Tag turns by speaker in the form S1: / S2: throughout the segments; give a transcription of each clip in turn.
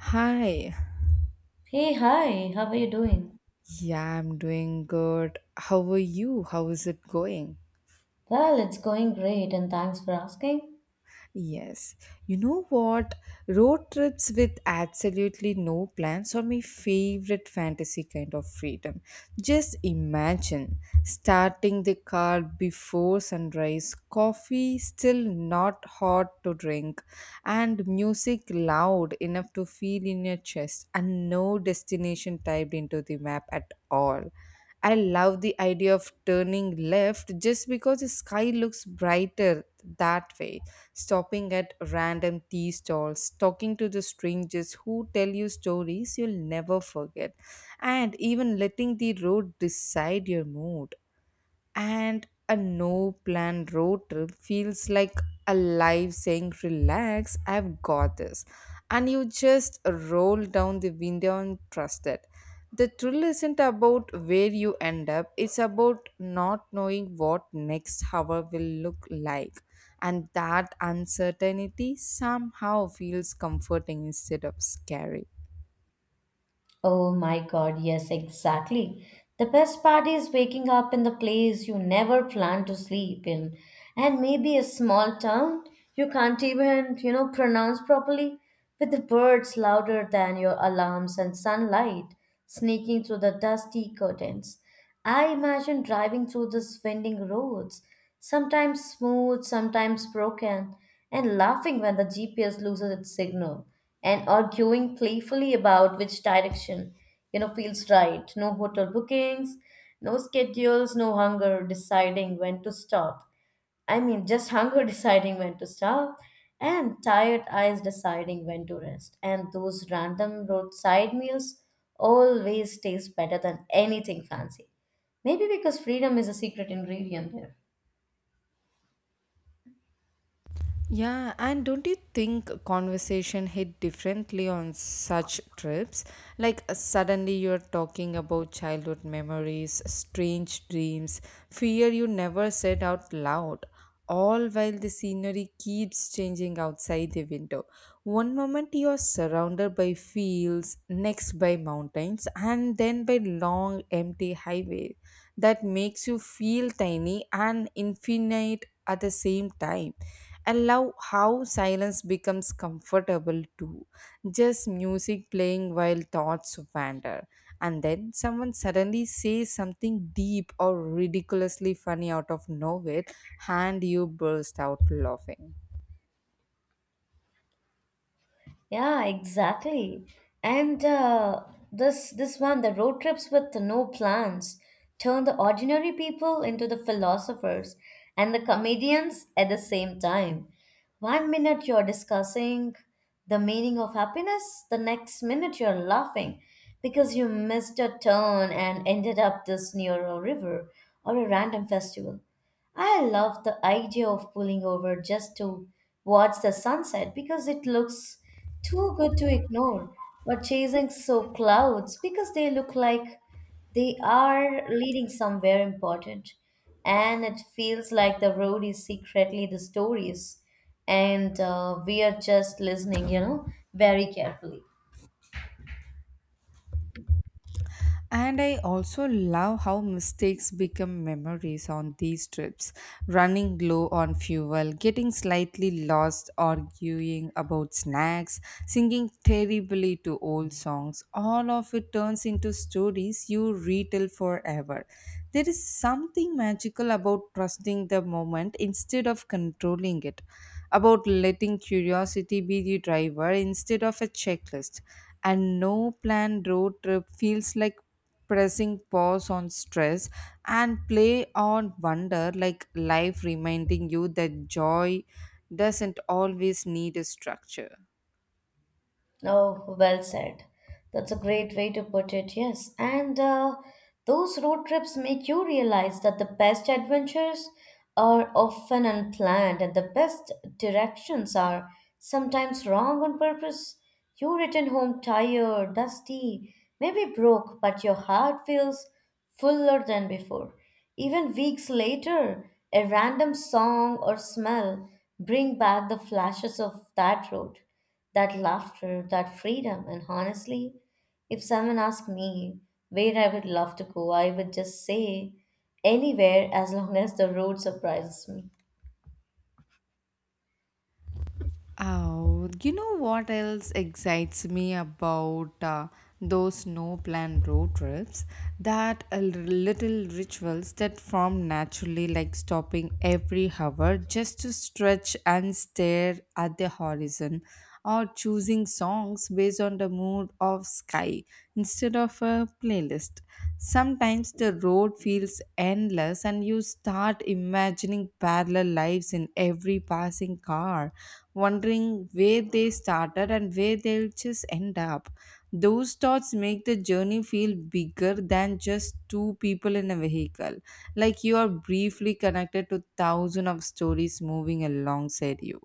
S1: Hi.
S2: Hey, hi, how are you doing?
S1: Yeah, I'm doing good. How are you? How is it going?
S2: Well, it's going great and thanks for asking.
S1: Yes. You know what? Road trips with absolutely no plans are my favorite fantasy kind of freedom. Just imagine starting the car before sunrise, coffee still not hot to drink, and music loud enough to feel in your chest, and no destination typed into the map at all. I love the idea of turning left just because the sky looks brighter that way, stopping at random tea stalls, talking to the strangers who tell you stories you'll never forget, and even letting the road decide your mood. And a no plan road trip feels like a life saying, relax, I've got this, and you just roll down the window and trust it. The thrill isn't about where you end up, it's about not knowing what next hour will look like, and that uncertainty somehow feels comforting instead of scary.
S2: Oh my god, yes, exactly. The best part is waking up in the place you never planned to sleep in, and maybe a small town you can't even, pronounce properly, with the birds louder than your alarms and sunlight sneaking through the dusty curtains. I imagine driving through the winding roads, sometimes smooth, sometimes broken, and laughing when the GPS loses its signal, and arguing playfully about which direction, feels right. No hotel bookings, no schedules, no hunger deciding when to stop. I mean, just hunger deciding when to stop, and tired eyes deciding when to rest. And those random roadside meals always taste better than anything fancy. Maybe because freedom is a secret ingredient there.
S1: Yeah, and don't you think conversation hit differently on such trips? Like suddenly you're talking about childhood memories, strange dreams, fear you never said out loud, all while the scenery keeps changing outside the window. One moment you're surrounded by fields, next by mountains, and then by long empty highway that makes you feel tiny and infinite at the same time. I love how silence becomes comfortable too. Just music playing while thoughts wander. And then someone suddenly says something deep or ridiculously funny out of nowhere, and you burst out laughing.
S2: Yeah, exactly. And This one, the road trips with no plans, turn the ordinary people into the philosophers and the comedians at the same time. One minute you're discussing the meaning of happiness, the next minute you're laughing because you missed a turn and ended up this near a river or a random festival. I love the idea of pulling over just to watch the sunset because it looks too good to ignore, or chasing so clouds because they look like they are leading somewhere important. And it feels like the road is secretly the stories, and we are just listening, very carefully.
S1: And I also love how mistakes become memories on these trips. Running low on fuel, getting slightly lost, arguing about snacks, singing terribly to old songs. All of it turns into stories you retell forever. There is something magical about trusting the moment instead of controlling it, about letting curiosity be the driver instead of a checklist. And no planned road trip feels like pressing pause on stress and play on wonder, like life reminding you that joy doesn't always need a structure.
S2: Oh, well said. That's a great way to put it, yes. And those road trips make you realize that the best adventures are often unplanned and the best directions are sometimes wrong on purpose. You return home tired, dusty, maybe broke, but your heart feels fuller than before. Even weeks later, a random song or smell bring back the flashes of that road, that laughter, that freedom. And honestly, if someone asked me where I would love to go, I would just say anywhere as long as the road surprises me.
S1: Oh, you know what else excites me about those no plan road trips? That little rituals that form naturally, like stopping every hour just to stretch and stare at the horizon or choosing songs based on the mood of sky instead of a playlist. Sometimes the road feels endless and you start imagining parallel lives in every passing car, wondering where they started and where they'll just end up. Those thoughts make the journey feel bigger than just two people in a vehicle, like you are briefly connected to thousands of stories moving alongside you.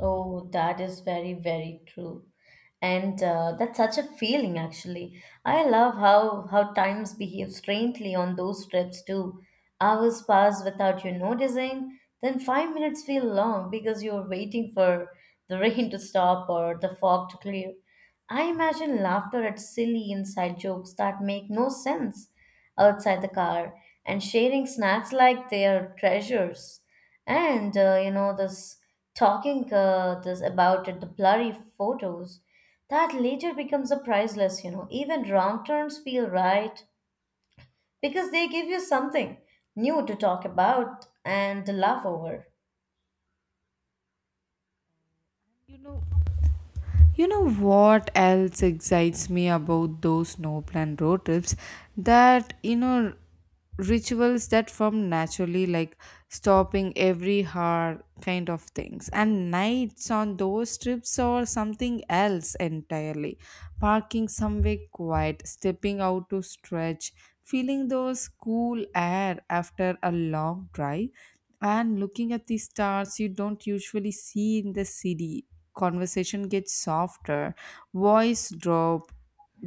S2: Oh, that is very, very true. And that's such a feeling, actually. I love how times behave strangely on those trips too. Hours pass without you noticing, then 5 minutes feel long because you're waiting for the rain to stop or the fog to clear. I imagine laughter at silly inside jokes that make no sense outside the car, and sharing snacks like they are treasures. And you know this talking this about it, the blurry photos that later becomes a priceless. You know, even wrong turns feel right because they give you something new to talk about and laugh over.
S1: You know, You know what else excites me about those no plan road trips? That, you know, rituals that form naturally, like stopping every hour kind of things. And nights on those trips or something else entirely. Parking somewhere quiet, stepping out to stretch, feeling those cool air after a long drive, and looking at the stars you don't usually see in the city. Conversation gets softer, voice drop,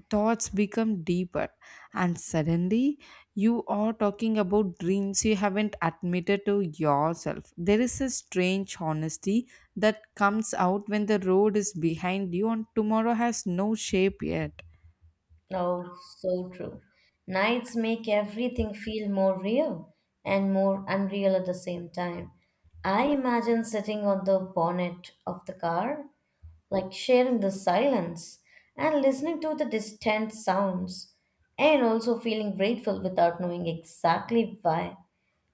S1: thoughts become deeper, and suddenly you are talking about dreams you haven't admitted to yourself. There is a strange honesty that comes out when the road is behind you and tomorrow has no shape yet.
S2: Oh, so true. Nights make everything feel more real and more unreal at the same time. I imagine sitting on the bonnet of the car, like sharing the silence and listening to the distant sounds and also feeling grateful without knowing exactly why.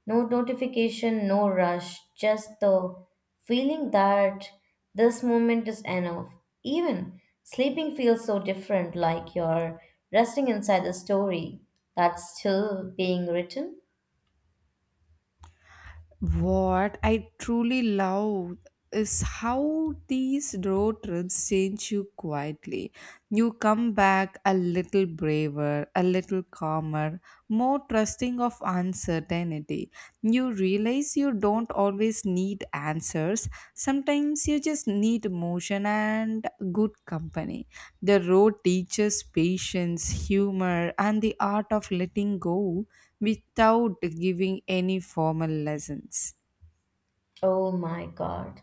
S2: No notification, no rush, just the feeling that this moment is enough. Even sleeping feels so different, like you're resting inside the story that's still being written.
S1: What I truly love is how these road trips change you quietly. You come back a little braver, a little calmer, more trusting of uncertainty. You realize you don't always need answers, sometimes you just need emotion and good company. The road teaches patience, humor, and the art of letting go without giving any formal lessons.
S2: Oh my God,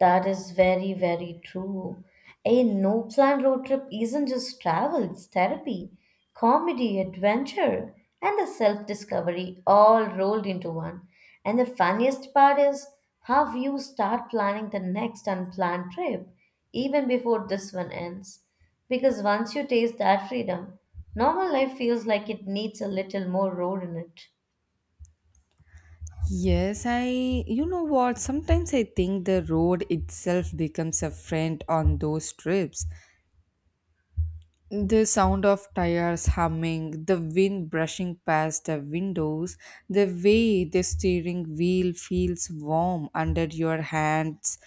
S2: that is very, very true. A no plan road trip isn't just travel, it's therapy, comedy, adventure, and the self discovery all rolled into one. And the funniest part is how you start planning the next unplanned trip even before this one ends. Because once you taste that freedom, normal life feels like it needs a little more road in it.
S1: Yes, I, you know what, sometimes I think the road itself becomes a friend on those trips. The sound of tires humming, the wind brushing past the windows, the way the steering wheel feels warm under your hands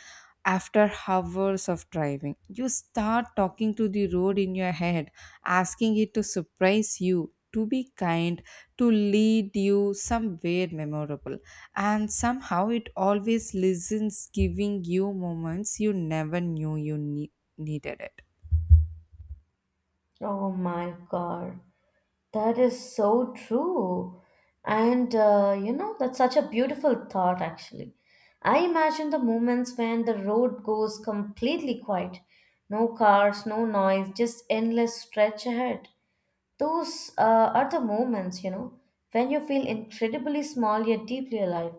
S1: after hours of driving. You start talking to the road in your head, asking it to surprise you, to be kind, to lead you somewhere memorable. And somehow it always listens, giving you moments you never knew you needed it.
S2: Oh my God. That is so true. And, you know, that's such a beautiful thought, actually. I imagine the moments when the road goes completely quiet, no cars, no noise, just endless stretch ahead. Those are the moments, you know, when you feel incredibly small yet deeply alive.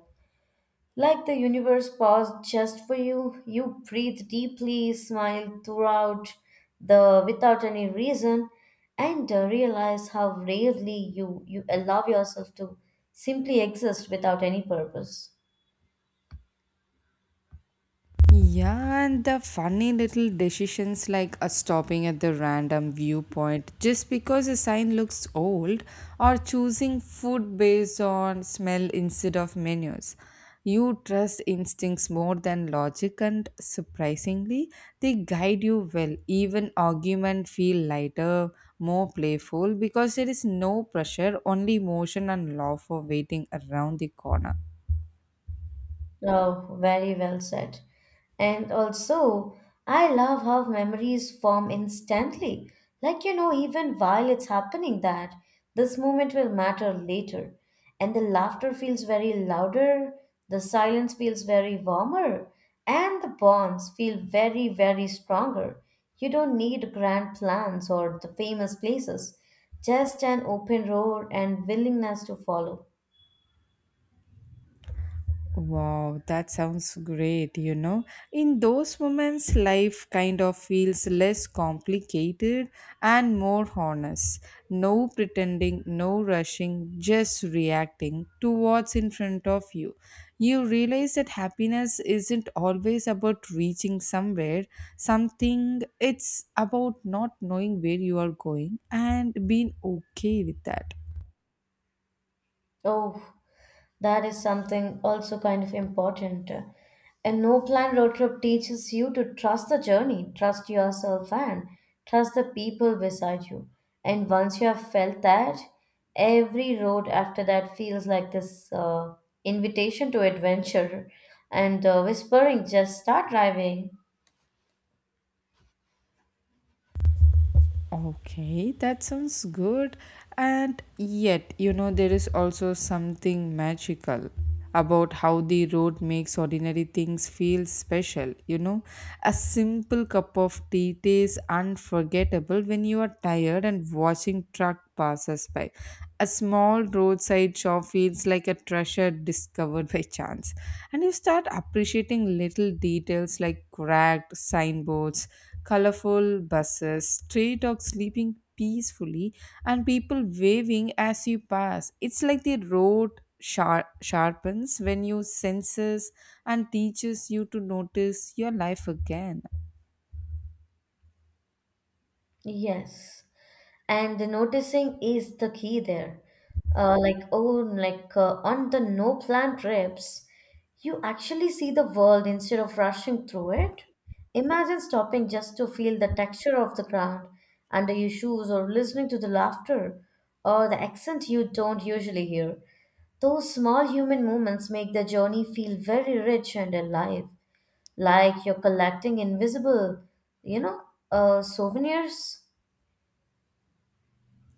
S2: Like the universe paused just for you, you breathe deeply, smile throughout the without any reason, and realize how rarely you allow yourself to simply exist without any purpose.
S1: Yeah, and the funny little decisions like stopping at the random viewpoint just because a sign looks old or choosing food based on smell instead of menus. You trust instincts more than logic, and surprisingly, they guide you well. Even argument feel lighter, more playful because there is no pressure, only motion and love for waiting around the corner.
S2: Oh, very well said. And also, I love how memories form instantly. Like, you know, even while it's happening, that this moment will matter later. And the laughter feels very louder, the silence feels very warmer, and the bonds feel very, very stronger. You don't need grand plans or the famous places, just an open road and willingness to follow.
S1: Wow, that sounds great, you know. In those moments, life kind of feels less complicated and more honest. No pretending, no rushing, just reacting to what's in front of you. You realize that happiness isn't always about reaching somewhere, something, it's about not knowing where you are going and being okay with that.
S2: Oh, that is something also kind of important. A no plan road trip teaches you to trust the journey, trust yourself, and trust the people beside you. And once you have felt that, every road after that feels like this invitation to adventure and whispering, just start driving.
S1: Okay, that sounds good. And yet, you know, there is also something magical about how the road makes ordinary things feel special. You know, a simple cup of tea tastes unforgettable when you are tired and watching truck passes by. A small roadside shop feels like a treasure discovered by chance. And you start appreciating little details like cracked signboards, colorful buses, stray dogs sleeping peacefully, and people waving as you pass. It's like the road sharpens when you senses and teaches you to notice your life again.
S2: Yes, and the noticing is the key there, on the no plan trips, you actually see the world instead of rushing through it. Imagine stopping just to feel the texture of the ground under your shoes, or listening to the laughter or the accent you don't usually hear. Those small human moments make the journey feel very rich and alive, like you're collecting invisible, you know souvenirs.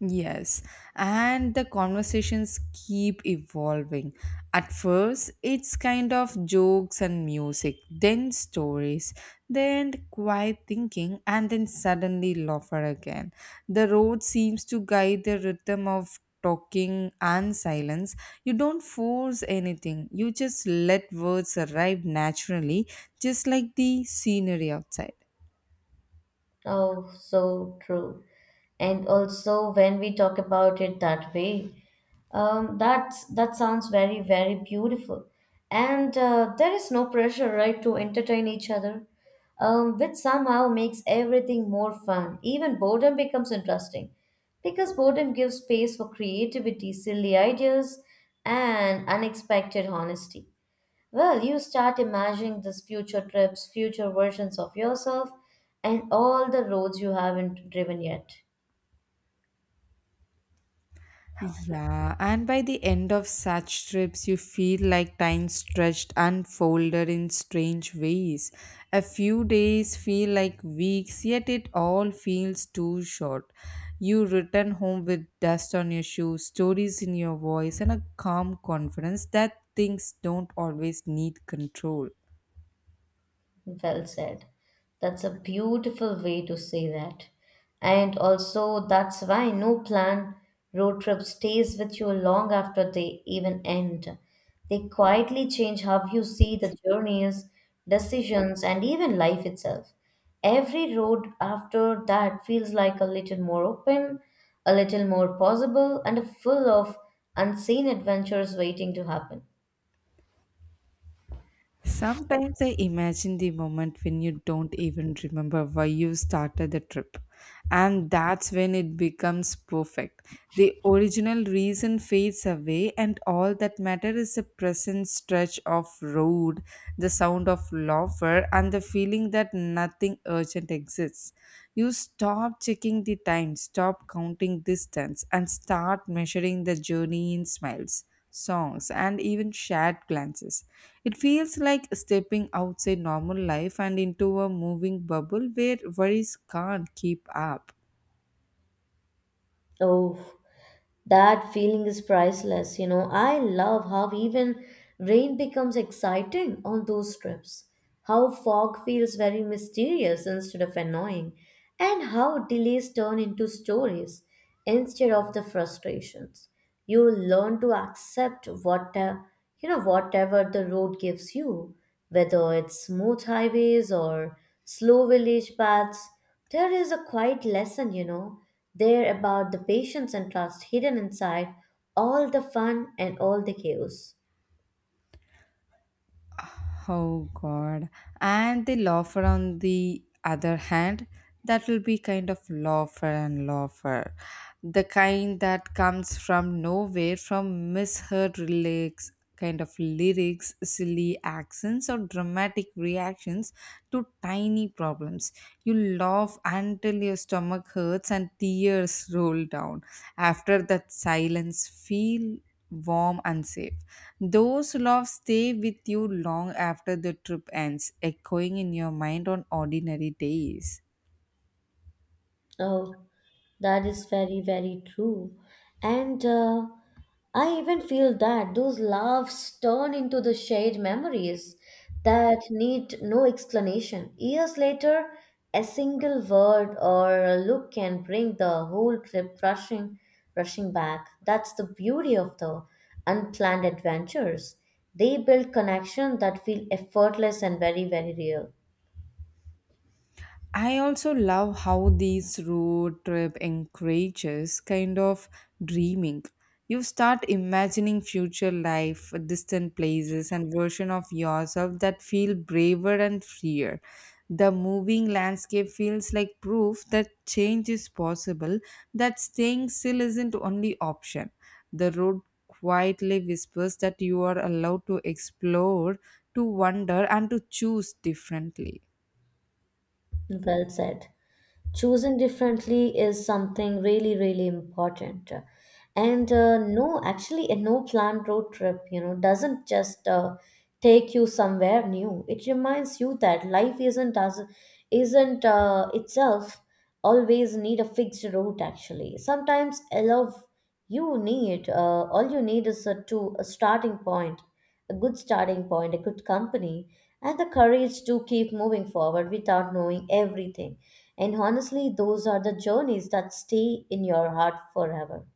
S1: Yes, and the conversations keep evolving. At first, it's kind of jokes and music, then stories, then quiet thinking, and then suddenly laughter again. The road seems to guide the rhythm of talking and silence. You don't force anything, you just let words arrive naturally, just like the scenery outside.
S2: Oh, so true. And also, when we talk about it that way, that sounds very, very beautiful. And there is no pressure, right, to entertain each other, which somehow makes everything more fun. Even boredom becomes interesting, because boredom gives space for creativity, silly ideas, and unexpected honesty. Well, you start imagining these future trips, future versions of yourself, and all the roads you haven't driven yet.
S1: Yeah, and by the end of such trips, you feel like time stretched unfolded in strange ways. A few days feel like weeks, yet it all feels too short. You return home with dust on your shoes, stories in your voice, and a calm confidence that things don't always need control.
S2: Well said. That's a beautiful way to say that. And also, that's why no planned road trip stays with you long after they even end. They quietly change how you see the journeys, decisions, and even life itself. Every road after that feels like a little more open, a little more possible, and full of unseen adventures waiting to happen.
S1: Sometimes I imagine the moment when you don't even remember why you started the trip, and that's when it becomes perfect. The original reason fades away, and all that matters is the present stretch of road, the sound of laughter, and the feeling that nothing urgent exists. You stop checking the time, stop counting distance, and start measuring the journey in smiles, songs, and even shared glances. It feels like stepping outside normal life and into a moving bubble where worries can't keep up.
S2: Oh, that feeling is priceless, you know. I love how even rain becomes exciting on those trips, how fog feels very mysterious instead of annoying, and how delays turn into stories instead of the frustrations. You learn to accept what, whatever the road gives you, whether it's smooth highways or slow village paths, there is a quiet lesson, you know, there about the patience and trust hidden inside all the fun and all the chaos.
S1: Oh God. And the loafer on the other hand, that will be kind of loafer and loafer. The kind that comes from nowhere, from misheard lyrics, kind of lyrics, silly accents or dramatic reactions to tiny problems. You laugh until your stomach hurts and tears roll down. After that silence feel warm and safe. Those loves stay with you long after the trip ends, echoing in your mind on ordinary days.
S2: Oh, that is very, very true. And I even feel that those laughs turn into the shared memories that need no explanation. Years later, a single word or a look can bring the whole trip rushing back. That's the beauty of the unplanned adventures. They build connection that feel effortless and very, very real.
S1: I also love how this road trip encourages kind of dreaming. You start imagining future life, distant places, and version of yourself that feel braver and freer. The moving landscape feels like proof that change is possible, that staying still isn't only option. The road quietly whispers that you are allowed to explore, to wonder, and to choose differently.
S2: Well said. Choosing differently is something really, really important, and no, actually, a no planned road trip, you know, doesn't just take you somewhere new. It reminds you that life isn't as isn't itself always need a fixed route. Actually, sometimes I love, you need all you need is a starting point, a good starting point, a good company, and the courage to keep moving forward without knowing everything. And honestly, those are the journeys that stay in your heart forever.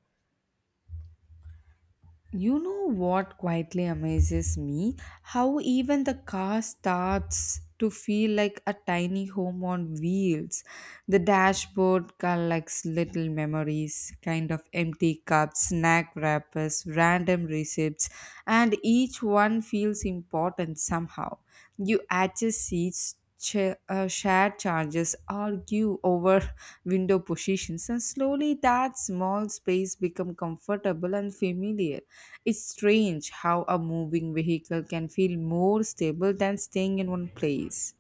S1: You know what quietly amazes me? How even the car starts to feel like a tiny home on wheels. The dashboard collects little memories, kind of empty cups, snack wrappers, random receipts, and each one feels important somehow. You adjust seats shared charges, argue over window positions, and slowly that small space become comfortable and familiar. It's strange how a moving vehicle can feel more stable than staying in one place.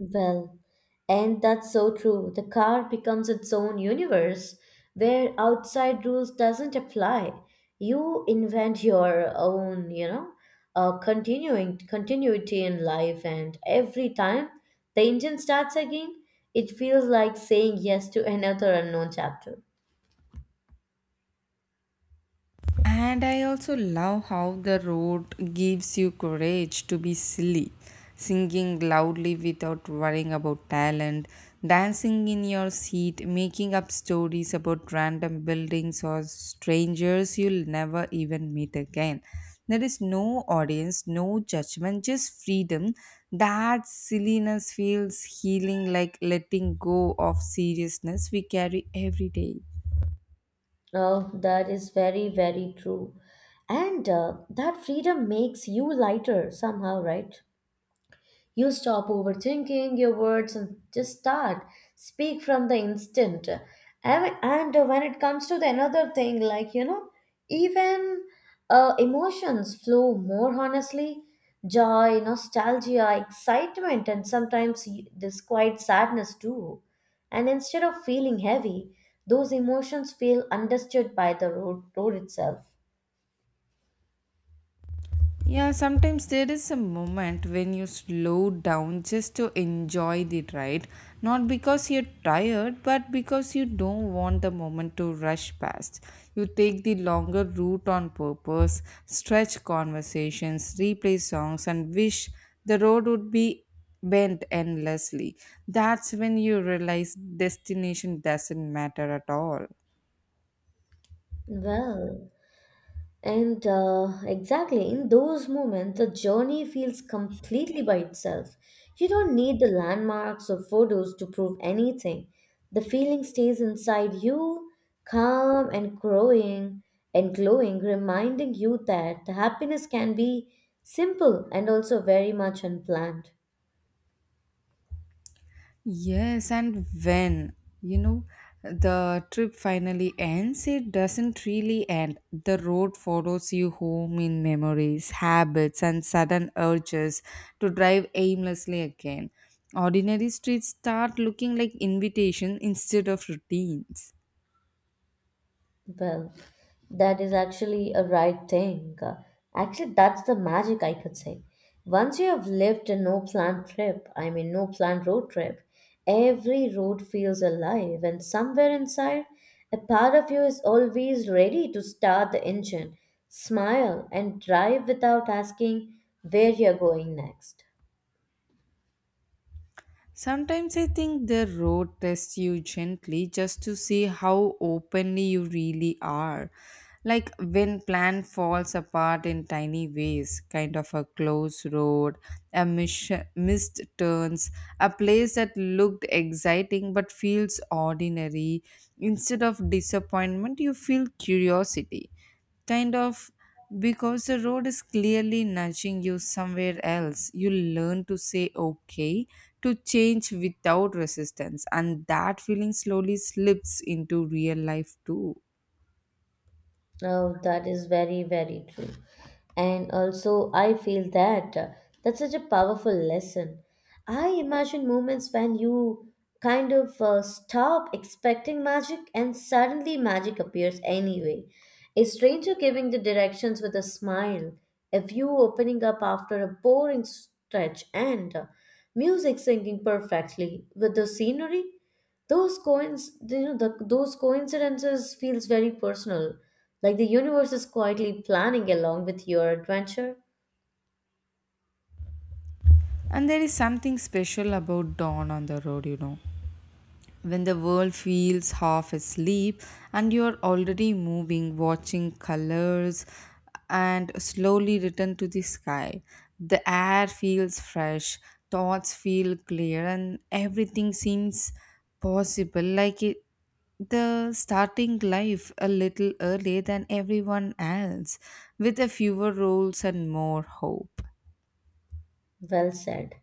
S2: Well, and that's so true. The car becomes its own universe where outside rules doesn't apply. You invent your own, you know, continuing continuity in life, and every time the engine starts again, it feels like saying yes to another unknown chapter.
S1: And I also love how the road gives you courage to be silly, singing loudly without worrying about talent, dancing in your seat, making up stories about random buildings or strangers you'll never even meet again. There is no audience, no judgment, just freedom. That silliness feels healing, like letting go of seriousness we carry every day.
S2: Oh, that is very, very true. And that freedom makes you lighter somehow, right? You stop overthinking your words and just start. Speak from the instant. And when it comes to the another thing, like, you know, even emotions flow more honestly. Joy, nostalgia, excitement, and sometimes this quiet sadness too. And instead of feeling heavy, those emotions feel understood by the road itself.
S1: Yeah, sometimes there is a moment when you slow down just to enjoy the ride, not because you're tired, but because you don't want the moment to rush past. You take the longer route on purpose, stretch conversations, replay songs, and wish the road would be bent endlessly. That's when you realize destination doesn't matter at all.
S2: Well, and exactly in those moments, the journey feels completely by itself. You don't need the landmarks or photos to prove anything. The feeling stays inside you, calm and growing and glowing, reminding you that the happiness can be simple and also very much unplanned.
S1: Yes, and when, you know, the trip finally ends, it doesn't really end. The road follows you home in memories, habits, and sudden urges to drive aimlessly again. Ordinary streets start looking like invitations instead of routines.
S2: Well, that is actually a right thing. Actually, that's the magic, I could say. Once you have lived a no planned trip, I mean, no planned road trip, every road feels alive, and somewhere inside, a part of you is always ready to start the engine, smile, and drive without asking where you're going next.
S1: Sometimes I think the road tests you gently just to see how openly you really are. Like when plan falls apart in tiny ways, kind of a close road, a missed turns, a place that looked exciting but feels ordinary. Instead of disappointment, you feel curiosity, kind of, because the road is clearly nudging you somewhere else. You learn to say okay to change without resistance, and that feeling slowly slips into real life too.
S2: Oh, that is very, very true. And also, I feel that that's such a powerful lesson. I imagine moments when you stop expecting magic and suddenly magic appears anyway. A stranger giving the directions with a smile, a view opening up after a boring stretch, and music syncing perfectly with the scenery. Those coins, you know, those coincidences feels very personal, like the universe is quietly planning along with your adventure?
S1: And there is something special about dawn on the road, you know. When the world feels half asleep and you're already moving, watching colors and slowly return to the sky, the air feels fresh, thoughts feel clear, and everything seems possible like it, the starting life a little earlier than everyone else with a fewer rules and more hope.
S2: Well said.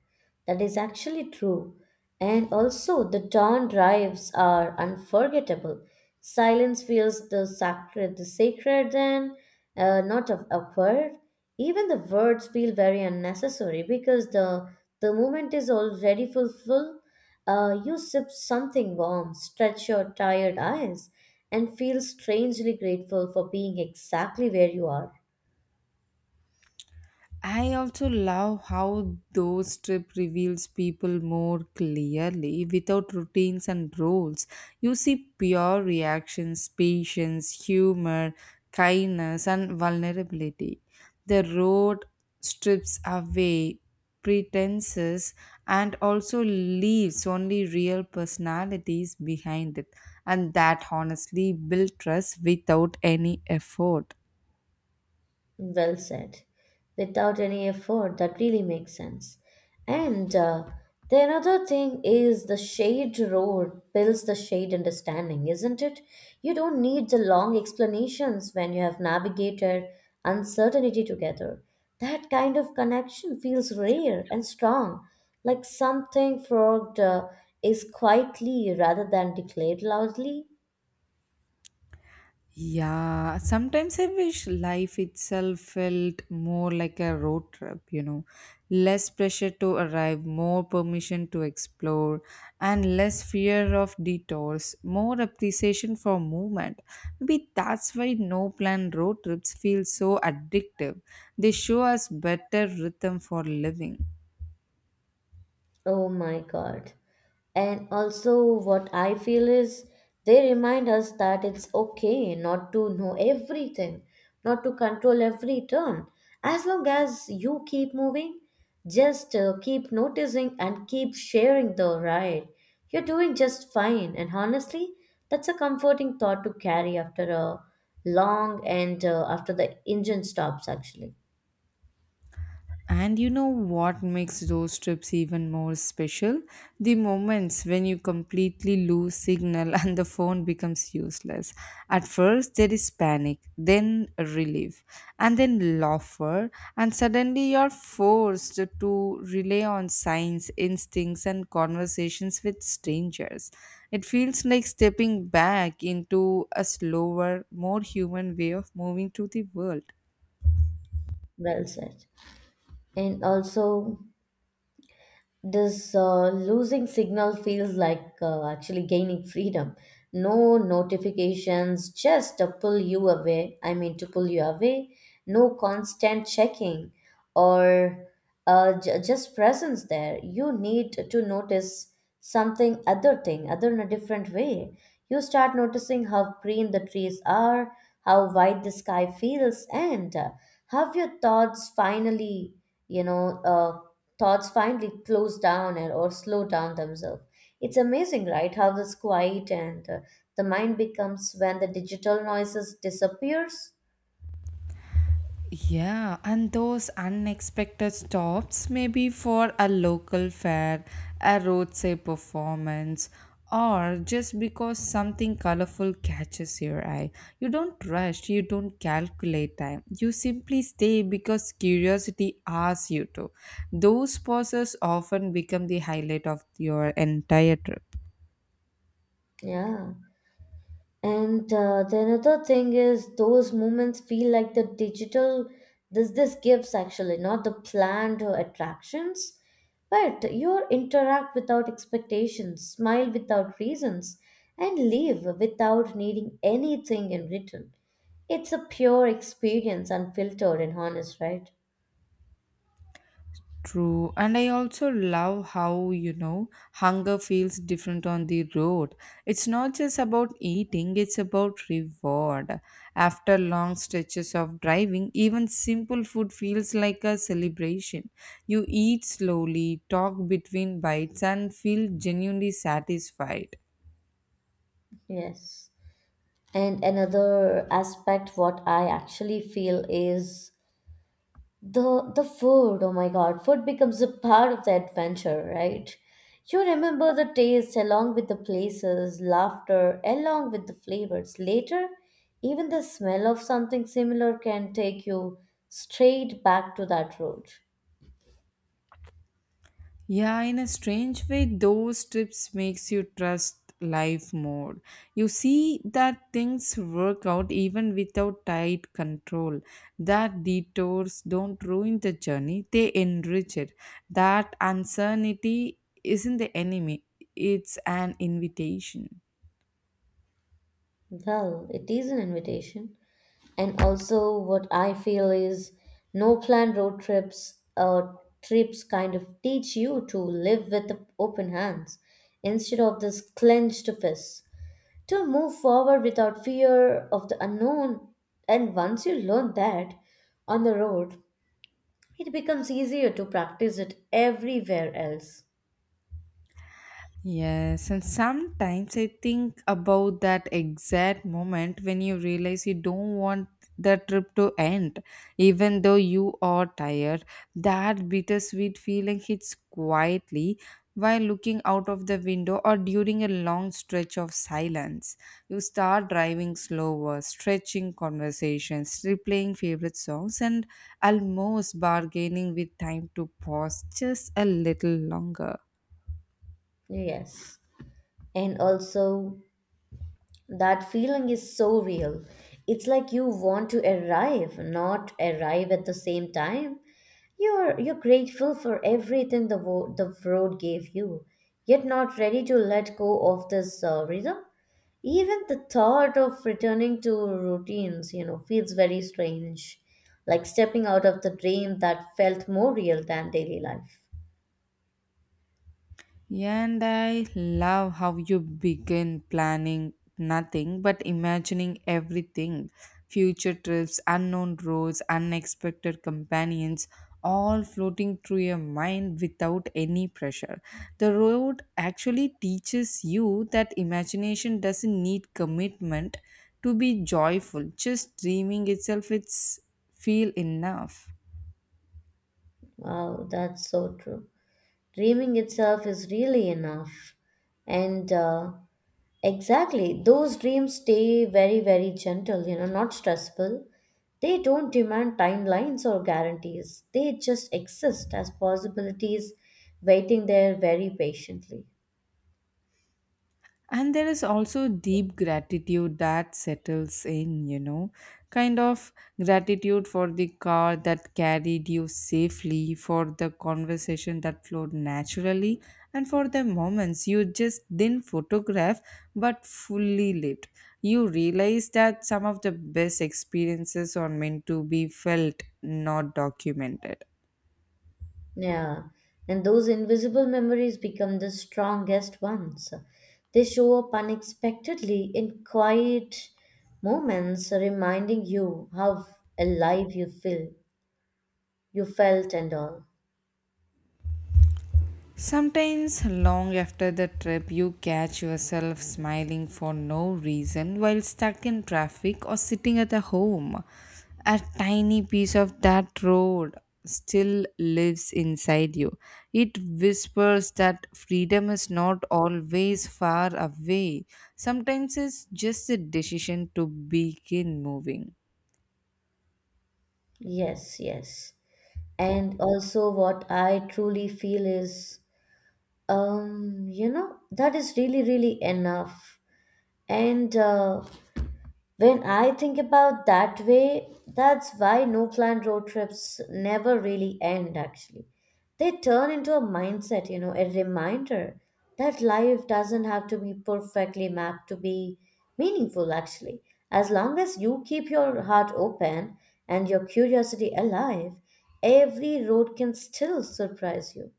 S2: That is actually true. And also, the dawn drives are unforgettable. Silence feels the sacred and not of awkward. Even the words feel very unnecessary because the moment is already fulfilled. You sip something warm, stretch your tired eyes, and feel strangely grateful for being exactly where you are.
S1: I also love how those trip reveals people more clearly without routines and rules. You see pure reactions, patience, humor, kindness, and vulnerability. The road strips away pretenses and also leaves only real personalities behind it, and that honestly builds trust without any effort.
S2: Well said. Without any effort, that really makes sense. And the another thing is the shade road builds the shade understanding, isn't it? You don't need the long explanations when you have navigated uncertainty together. That kind of connection feels rare and strong, like something frog is quietly rather than declared loudly.
S1: Yeah, sometimes I wish life itself felt more like a road trip, you know. Less pressure to arrive, more permission to explore, and less fear of detours, more appreciation for movement. Maybe that's why no plan road trips feel so addictive. They show us better rhythm for living.
S2: Oh my god. And also, what I feel is they remind us that it's okay not to know everything, not to control every turn. As long as you keep moving, just keep noticing and keep sharing the ride. You're doing just fine. And honestly, that's a comforting thought to carry after a long and after the engine stops, actually.
S1: And you know what makes those trips even more special? The moments when you completely lose signal and the phone becomes useless. At first, there is panic, then relief, and then laughter, and suddenly you're forced to rely on signs, instincts, and conversations with strangers. It feels like stepping back into a slower, more human way of moving through the world.
S2: Well said. And also, this losing signal feels like actually gaining freedom, no notifications just to pull you away, I mean to pull you away, no constant checking or just presence there. You need to notice something other thing, other in a different way. You start noticing how green the trees are, how wide the sky feels, and how your thoughts finally, you know, uh, thoughts finally close down and, or slow down themselves. It's amazing, right? How this quiet and the mind becomes when the digital noises disappears.
S1: Yeah, and those unexpected stops, maybe for a local fair, a roadside performance, or just because something colorful catches your eye. You don't rush, you don't calculate time. You simply stay because curiosity asks you to. Those pauses often become the highlight of your entire trip.
S2: Yeah. And the another thing is those moments feel like the digital, this gives actually not the planned attractions, but you interact without expectations, smile without reasons, and leave without needing anything in return. It's a pure experience, unfiltered and honest, right?
S1: True, and I also love how you know hunger feels different on the road. It's not just about eating, it's about reward. After long stretches of driving, even simple food feels like a celebration. You eat slowly, talk between bites, and feel genuinely satisfied.
S2: Yes. And another aspect, what I actually feel is, the food, oh my God, food becomes a part of the adventure, right? You remember the taste along with the places, laughter along with the flavors. Later, even the smell of something similar can take you straight back to that road.
S1: Yeah, in a strange way, those trips makes you trust life more. You see that things work out even without tight control. That detours don't ruin the journey; they enrich it. That uncertainty isn't the enemy; it's an invitation.
S2: Well, it is an invitation. And also, what I feel is no planned road trips or trips kind of teach you to live with open hands instead of this clenched fist, to move forward without fear of the unknown. And once you learn that on the road, it becomes easier to practice it everywhere else.
S1: Yes, and sometimes I think about that exact moment when you realize you don't want the trip to end, even though you are tired. That bittersweet feeling hits quietly while looking out of the window or during a long stretch of silence. You start driving slower, stretching conversations, replaying favorite songs, and almost bargaining with time to pause just a little longer.
S2: Yes. And also, that feeling is so real. It's like you want to arrive, not arrive at the same time. You're grateful for everything the the road gave you, yet not ready to let go of this rhythm. Even the thought of returning to routines, you know, feels very strange, like stepping out of the dream that felt more real than daily life.
S1: And I love how you begin planning nothing but imagining everything future trips, unknown roads, unexpected companions, all floating through your mind without any pressure. The road actually teaches you that imagination doesn't need commitment to be joyful, just dreaming itself, it's feel enough.
S2: Wow, that's so true. Dreaming itself is really enough. And exactly, those dreams stay very, very gentle, you know, not stressful. They don't demand timelines or guarantees, they just exist as possibilities waiting there very patiently.
S1: And there is also deep gratitude that settles in, you know, kind of gratitude for the car that carried you safely, for the conversation that flowed naturally, and for the moments you just didn't photograph but fully lived. You realize that some of the best experiences are meant to be felt, not documented.
S2: Yeah, and those invisible memories become the strongest ones. They show up unexpectedly in quiet moments, reminding you how alive you feel, you felt, and all.
S1: Sometimes, long after the trip, you catch yourself smiling for no reason while stuck in traffic or sitting at a home. A tiny piece of that road still lives inside you. It whispers that freedom is not always far away, sometimes it's just a decision to begin moving.
S2: Yes, yes. And also, what I truly feel is, you know, that is really, really enough. And when I think about that way, that's why no planned road trips never really end actually. They turn into a mindset, you know, a reminder that life doesn't have to be perfectly mapped to be meaningful actually. As long as you keep your heart open and your curiosity alive, every road can still surprise you.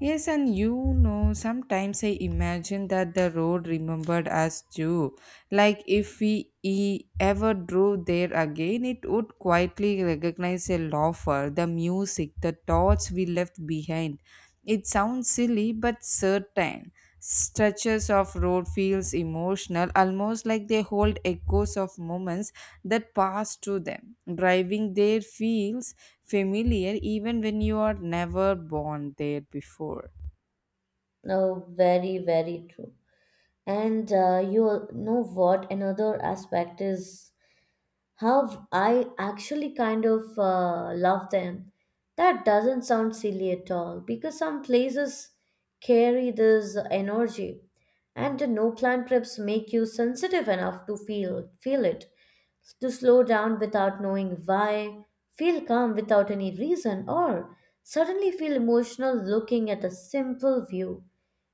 S1: Yes, and you know, sometimes I imagine that the road remembered us too. Like if ever drove there again, it would quietly recognize a loafer, the music, the thoughts we left behind. It sounds silly but certain. Stretches of road feels emotional, almost like they hold echoes of moments that passed through them. Driving there feels familiar even when you are never born there before.
S2: No, very, very true. And you know what? Another aspect is, how I actually kind of love them? That doesn't sound silly at all because some places carry this energy, and the no plan trips make you sensitive enough to feel it, to slow down without knowing why, feel calm without any reason, or suddenly feel emotional looking at a simple view.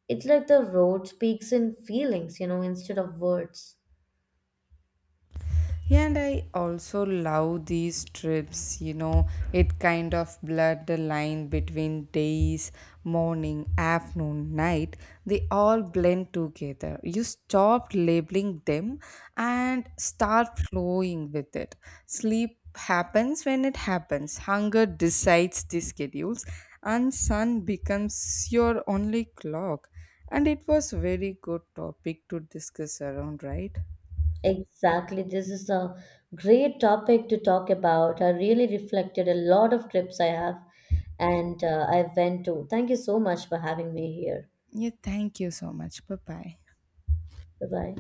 S2: It's like the road speaks in feelings, you know, instead of words.
S1: And I also love these trips, you know, it kind of blurred the line between days, morning, afternoon, night. They all blend together. You stop labeling them and start flowing with it. Sleep happens when it happens, hunger decides the schedules, and sun becomes your only clock. And it was very good topic to discuss around, right?
S2: Exactly. This is a great topic to talk about. I really reflected a lot of trips I have and I went to. Thank you so much for having me here.
S1: Yeah, thank you so much. Bye bye.
S2: Bye bye.